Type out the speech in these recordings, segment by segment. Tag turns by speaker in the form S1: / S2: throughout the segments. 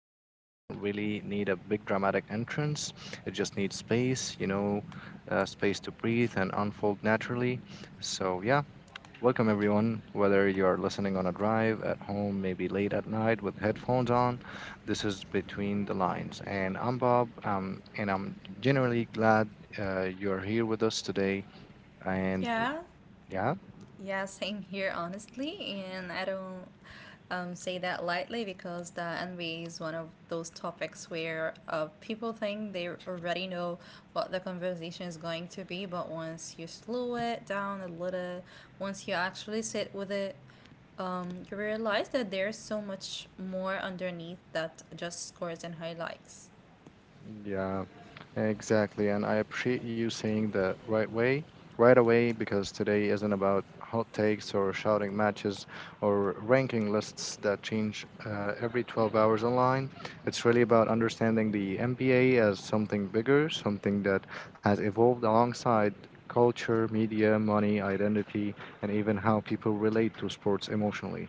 S1: that doesn't really need a big dramatic entrance. It just needs space, space to breathe and unfold naturally. So yeah, welcome everyone. Whether you're listening on a drive, at home, maybe late at night with headphones on, this is Between the Lines, and I'm Bob, and I'm genuinely glad you're here with us today. And
S2: Yeah,
S1: yeah.
S2: yeah, same here, honestly. And I don't say that lightly because the NBA is one of those topics where people think they already know what the conversation is going to be, but once you slow it down a little, once you actually sit with it, you realize that there's so much more underneath that just scores and highlights.
S1: Yeah, exactly. And I appreciate you saying that right away, because today isn't about hot takes or shouting matches or ranking lists that change every 12 hours online. It's really about understanding the NBA as something bigger, something that has evolved alongside culture, media, money, identity, and even how people relate to sports emotionally.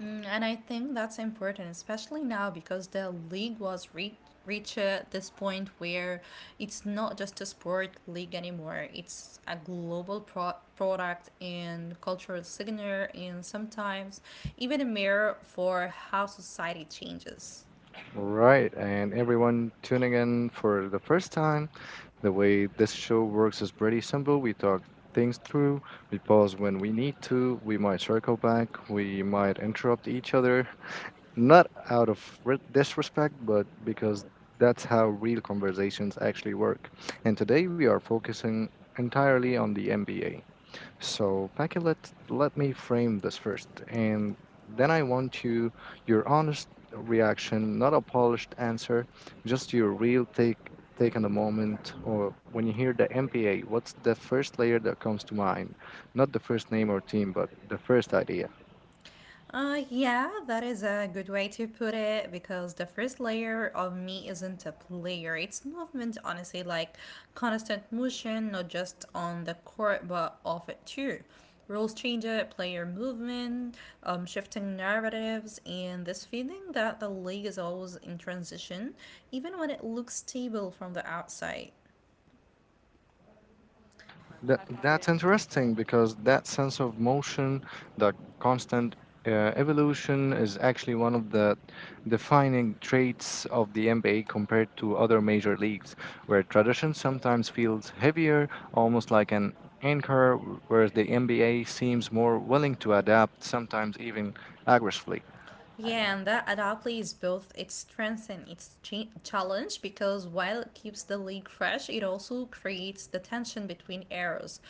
S2: Mm, and I think that's important, especially now because the league was re- reached this point where it's not just a sport league anymore. It's a global product and cultural signature, and sometimes even a mirror for how society changes.
S1: Right, and everyone tuning in for the first time, the way this show works is pretty simple. We talk things through, we pause when we need to, we might circle back, we might interrupt each other, not out of disrespect, but because that's how real conversations actually work. And today we are focusing entirely on the MBA. So, Becky, let me frame this first, and then I want you your honest reaction, not a polished answer, just your real take on the moment. Or when you hear the MPA, what's the first layer that comes to mind? Not the first name or team, but the first idea.
S2: Yeah, that is a good way to put it because the first layer of me isn't a player. It's movement, honestly, like constant motion, not just on the court but off it too. Rules change it, player movement, shifting narratives, and this feeling that the league is always in transition, even when it looks stable from the outside.
S1: That's interesting because that sense of motion, the constant uh, evolution, is actually one of the defining traits of the NBA compared to other major leagues, where tradition sometimes feels heavier, almost like an anchor, whereas the NBA seems more willing to adapt, sometimes even aggressively.
S2: Yeah, and that adaptly is both its strength and its challenge because while it keeps the league fresh, it also creates the tension between eras,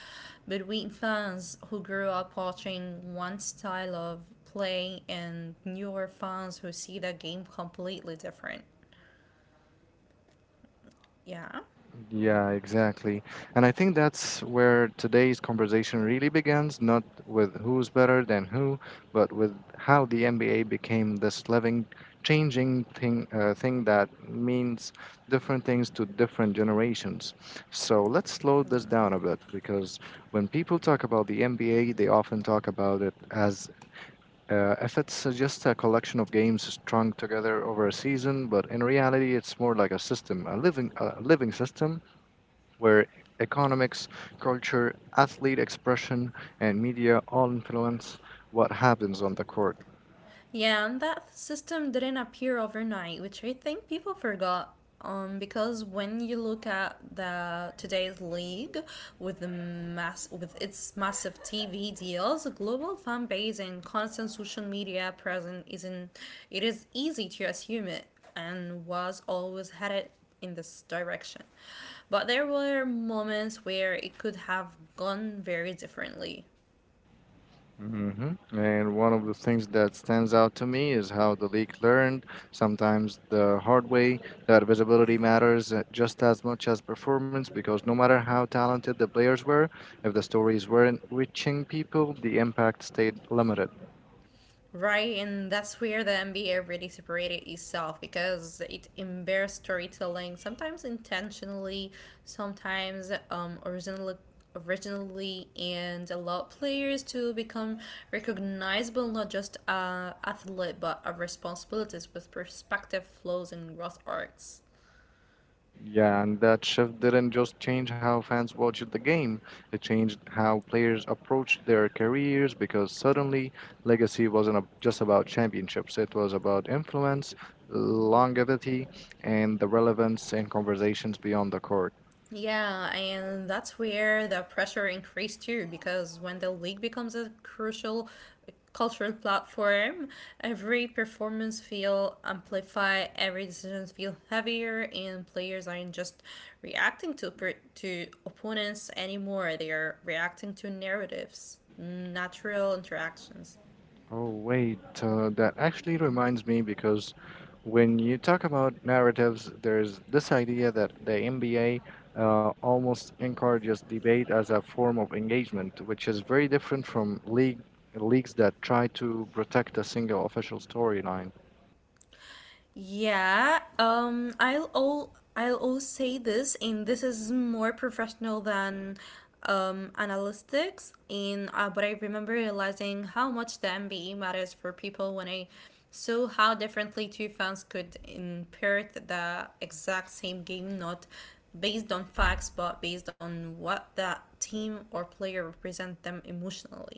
S2: between fans who grew up watching one style of play and newer fans who see the game completely different. Yeah.
S1: Yeah, exactly. And I think that's where today's conversation really begins, not with who's better than who, but with how the NBA became this living, changing thing, thing that means different things to different generations. So let's slow this
S2: Hmm.
S1: down a bit because when people talk about the NBA, they often talk about it as if it's just a collection of games strung together over a season, but in reality, it's more like a system, a living system where economics, culture, athlete expression, and media all influence what happens on the court.
S2: Yeah, and that system didn't appear overnight, which I think people forgot. Because when you look at the today's league with the mass with its massive TV deals, global fan base and constant social media presence isn't it is easy to assume it and was always headed in this direction. But there were moments where it could have gone very differently.
S1: Hmm. And one of the things that stands out to me is how the league learned, sometimes the hard way, that visibility matters just as much as performance because no matter how talented the players were, if the stories weren't reaching people, the impact stayed limited.
S2: Right, and that's where the NBA really separated itself because it embarrassed storytelling, sometimes intentionally, sometimes originally, and allowed players to become recognizable not just athlete but a responsibilities with perspective, flaws, and growth arcs.
S1: Yeah, and that shift didn't just change how fans watched the game, it changed how players approached their careers because suddenly legacy wasn't just about championships, it was about influence, longevity, and the relevance in conversations beyond the court.
S2: Yeah, and that's where the pressure increased too, because when the league becomes a crucial cultural platform, every performance feel amplified, every decision feel heavier, and players aren't just to opponents anymore. They are reacting to narratives, natural interactions.
S1: Oh, wait, that actually reminds me because when you talk about narratives, there's this idea that the MBA almost encourages debate as a form of engagement, which is very different from leagues that try to protect a single official storyline.
S2: Yeah, I'll all say this, and this is more professional than analytics. And but I remember realizing how much the MBE matters for people when I saw how differently two fans could interpret the exact same game, not based on facts, but based on what that team or player represent them emotionally.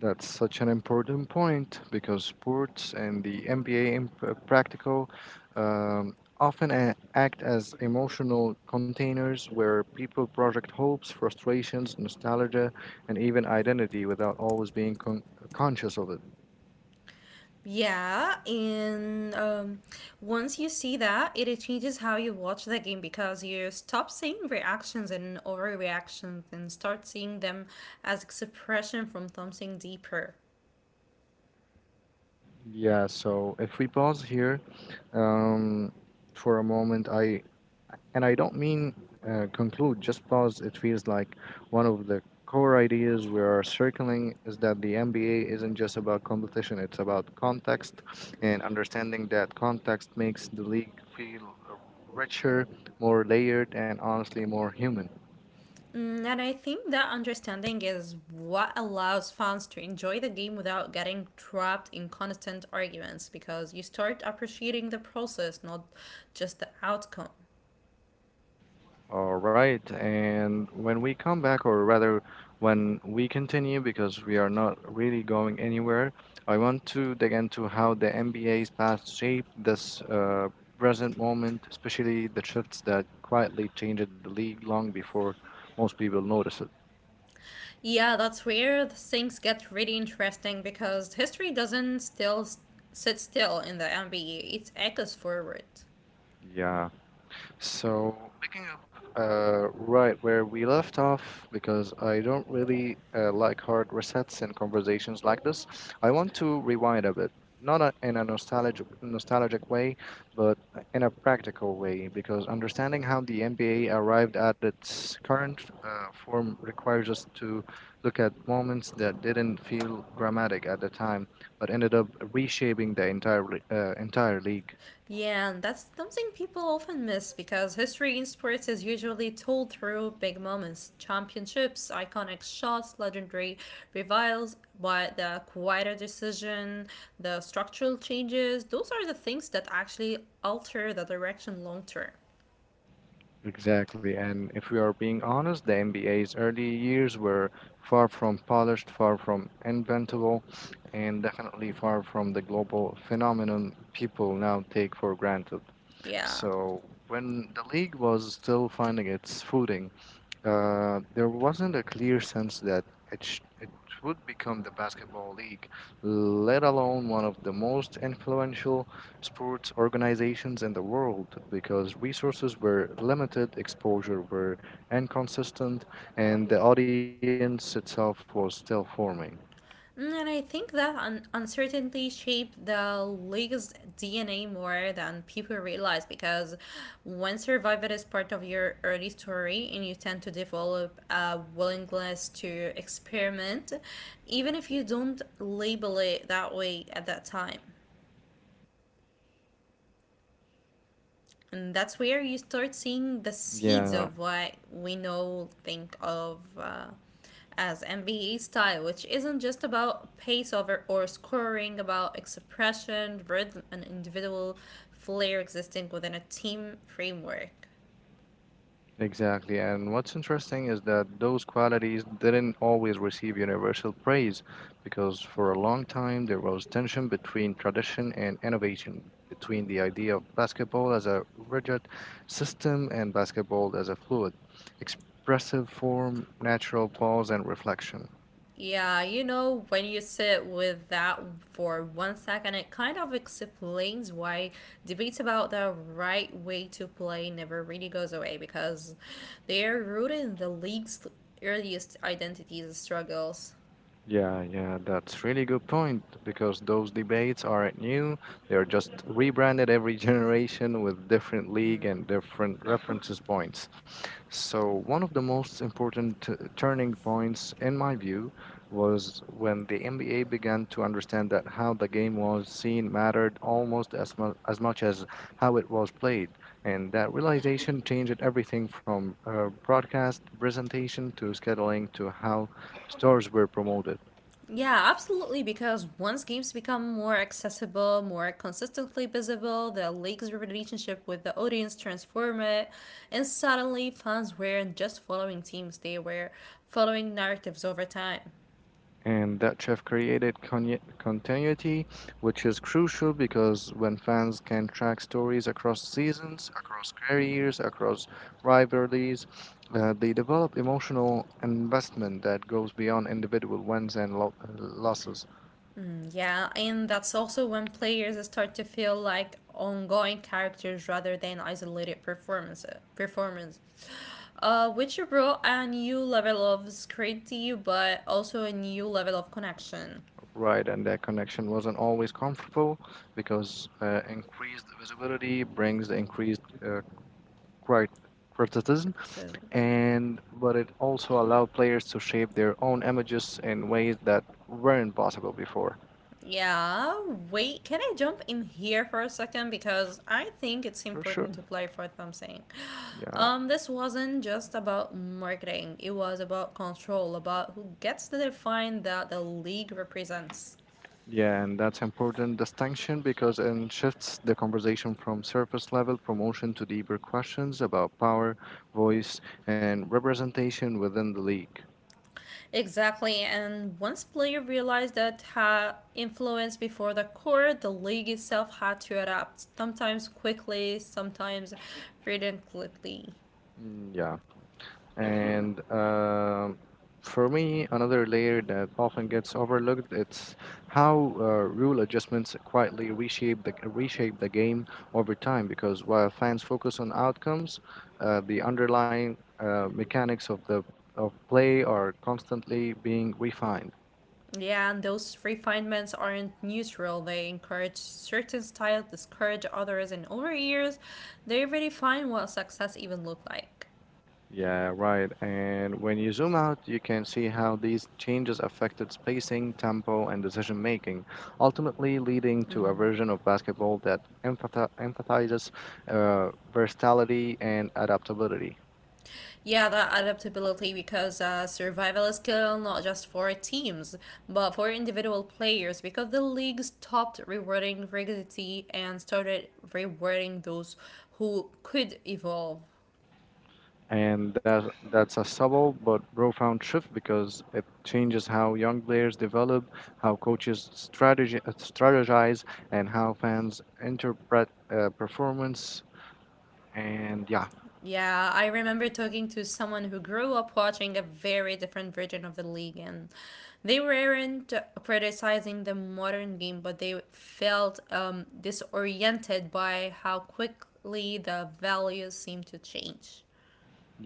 S1: That's such an important point because sports and the MBA in practical often act as emotional containers where people project hopes, frustrations, nostalgia, and even identity without always being conscious of it.
S2: Yeah, and once you see that, it changes how you watch the game because you stop seeing reactions and overreactions and start seeing them as expression from something deeper.
S1: Yeah, so if we pause here um, for a moment, I don't mean conclude just because it feels like one of the core ideas we are circling is that the MBA isn't just about competition, it's about context and understanding that context makes the league feel richer, more layered, and honestly more human.
S2: Mm, and I think that understanding is what allows fans to enjoy the game without getting trapped in constant arguments because you start appreciating the process, not just the outcome.
S1: All right, and when we come back, or rather, when we continue, because we are not really going anywhere, I want to dig into how the NBA's past shaped this present moment, especially the shifts that quietly changed the league long before most people notice it.
S2: Yeah, that's where the things get really interesting because history doesn't still s- sit still in the MBE, it echoes forward.
S1: Yeah. So, picking up right where we left off, because I don't really like hard resets in conversations like this, I want to rewind a bit. Not a, in a nostalgic way, but in a practical way, because understanding how the NBA arrived at its current form requires us to look at moments that didn't feel dramatic at the time, but ended up reshaping the entire league.
S2: Yeah, and that's something people often miss because history in sports is usually told through big moments, championships, iconic shots, legendary revivals, but the quieter decision, the structural changes, those are the things that actually alter the direction long term.
S1: Exactly, and if we are being honest, the NBA's early years were far from polished, far from inventable, and definitely far from the global phenomenon people now take for granted.
S2: Yeah.
S1: So, when the league was still finding its footing, there wasn't a clear sense that it would become the basketball league, let alone one of the most influential sports organizations in the world, because resources were limited, exposure were inconsistent, and the audience itself was still forming.
S2: Mm, and I think that uncertainty shaped the league's DNA more than people realize because when survival is part of your early story and you tend to develop a willingness to experiment, even if you don't label it that way at that time. And that's where you start seeing the
S1: Yeah.
S2: seeds of what we know think of as MVE style, which isn't just about pace over or scoring, about expression, rhythm, and individual flair existing within a team framework.
S1: Exactly, and what's interesting is that those qualities didn't always receive universal praise because for a long time there was tension between tradition and innovation, between the idea of basketball as a rigid system and basketball as a fluid, expressive form, natural pause, and reflection.
S2: Yeah, you know, when you sit with that for 1 second, it kind of explains why debates about the right way to play never really goes away because they are rooted in the league's earliest identities struggles.
S1: Yeah, yeah, that's really good point because those debates aren't new. They are just rebranded every generation with different league and different references points. So, one of the most important turning points, in my view, was when the NBA began to understand that how the game was seen mattered almost as much as how it was played. And that realization changed everything from broadcast presentation to scheduling to how stars were promoted.
S2: Yeah, absolutely. Because once games become more accessible, more consistently visible, the league's relationship with the audience transform it, and suddenly fans weren't just following teams; they were following narratives over time.
S1: And that have created continuity, which is crucial because when fans can track stories across seasons, across careers, across rivalries, they develop emotional investment that goes beyond individual wins and losses.
S2: Mm, yeah, and that's also when players start to feel like ongoing characters rather than isolated performance. Performance, which brought a new level of scrutiny, but also a new level of connection.
S1: Right, and that connection wasn't always comfortable because increased visibility brings increased crit- criticism,
S2: So,
S1: and but it also allowed players to shape their own images in ways that weren't possible before.
S2: yeah, wait, can I jump in here for a second because I think it's
S1: For sure.
S2: important to clarify what I'm saying.
S1: Yeah.
S2: This wasn't just about marketing; it was about control, about who gets to define that the league represents.
S1: Yeah, and that's important distinction because it shifts the conversation from surface level promotion to deeper questions about power, voice, and representation within the league.
S2: Exactly, and once players realized that had influence before the court, the league itself had to adapt, sometimes quickly, sometimes reluctantly.
S1: Mm, yeah. And for me, another layer that often gets overlooked it's how rule adjustments quietly reshape the game over time. Because while fans focus on outcomes, the underlying mechanics of play are constantly being refined.
S2: Yeah, and those refinements aren't neutral. They encourage certain styles, discourage others, and over years, they redefine what success even looked like.
S1: Yeah, right. And when you zoom out, you can see how these changes affected spacing, tempo, and decision making, ultimately leading to a version of basketball that empathizes versatility and adaptability.
S2: Yeah, that adaptability because survival is skill not just for teams, but for individual players because the league stopped rewarding rigidity and started rewarding those who could evolve.
S1: And that's a subtle but profound shift because it changes how young players develop, how coaches strategize, and how fans interpret performance. And yeah.
S2: Yeah, I remember talking to someone who grew up watching a very different version of the league, and they weren't criticizing the modern game, but they felt disoriented by how quickly the values seem to change.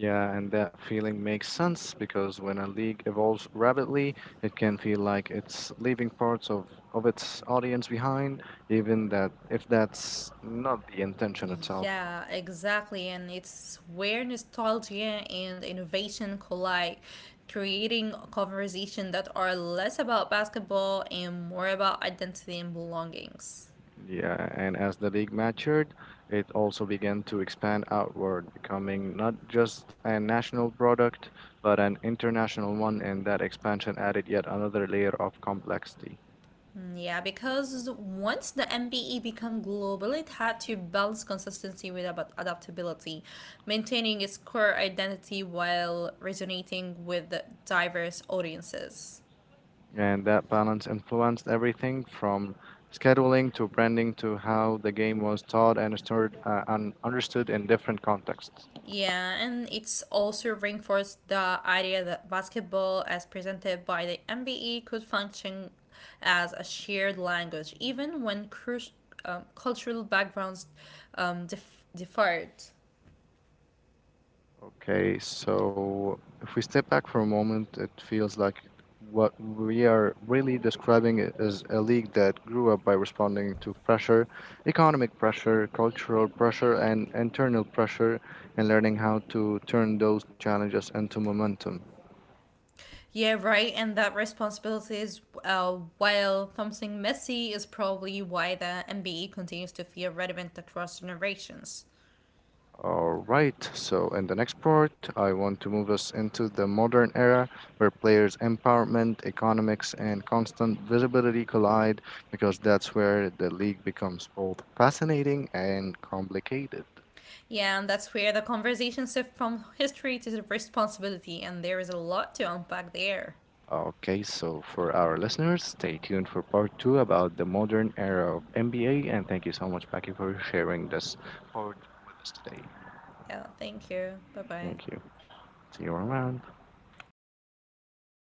S1: Yeah, and that feeling makes sense because when a league evolves rapidly, it can feel like it's leaving of its audience behind, even that if that's not the intention itself.
S2: Yeah, exactly. And it's where nostalgia and innovation collide, creating conversation that are less about basketball and more about identity and belongings.
S1: Yeah, and as the league matured, it also began to expand outward, becoming not just a national product, but an international one, and that expansion added yet another layer of complexity.
S2: Mm, yeah, because once the MBE became global, it had to balance consistency with about adaptability, maintaining its core identity while resonating with diverse audiences.
S1: And that balance influenced everything from scheduling to branding to how the game was taught and stored and understood in different contexts.
S2: Yeah, and it's also reinforced the idea that basketball, as presented by the MBE, could function as a shared language, even when cultural backgrounds differed.
S1: Okay, so if we step back for a moment, it feels like what we are really describing is a league that grew up by responding to pressure, economic pressure, cultural pressure, and internal pressure, and learning how to turn those challenges into momentum.
S2: Yeah, right, and that responsibility is while something messy, is probably why the MBE continues to feel relevant across generations.
S1: All right, so in the next part, I want to move us into the modern era where players' empowerment, economics, and constant visibility collide because that's where the league becomes both fascinating and complicated.
S2: Yeah, and that's where the conversation shifts from history to the responsibility, and there is a lot to unpack there.
S1: Okay, so for our listeners, stay tuned for part two about the modern era of NBA, and thank you so much, Becky, for sharing this part with us today.
S2: Yeah, thank you. Bye bye.
S1: Thank you. See you around.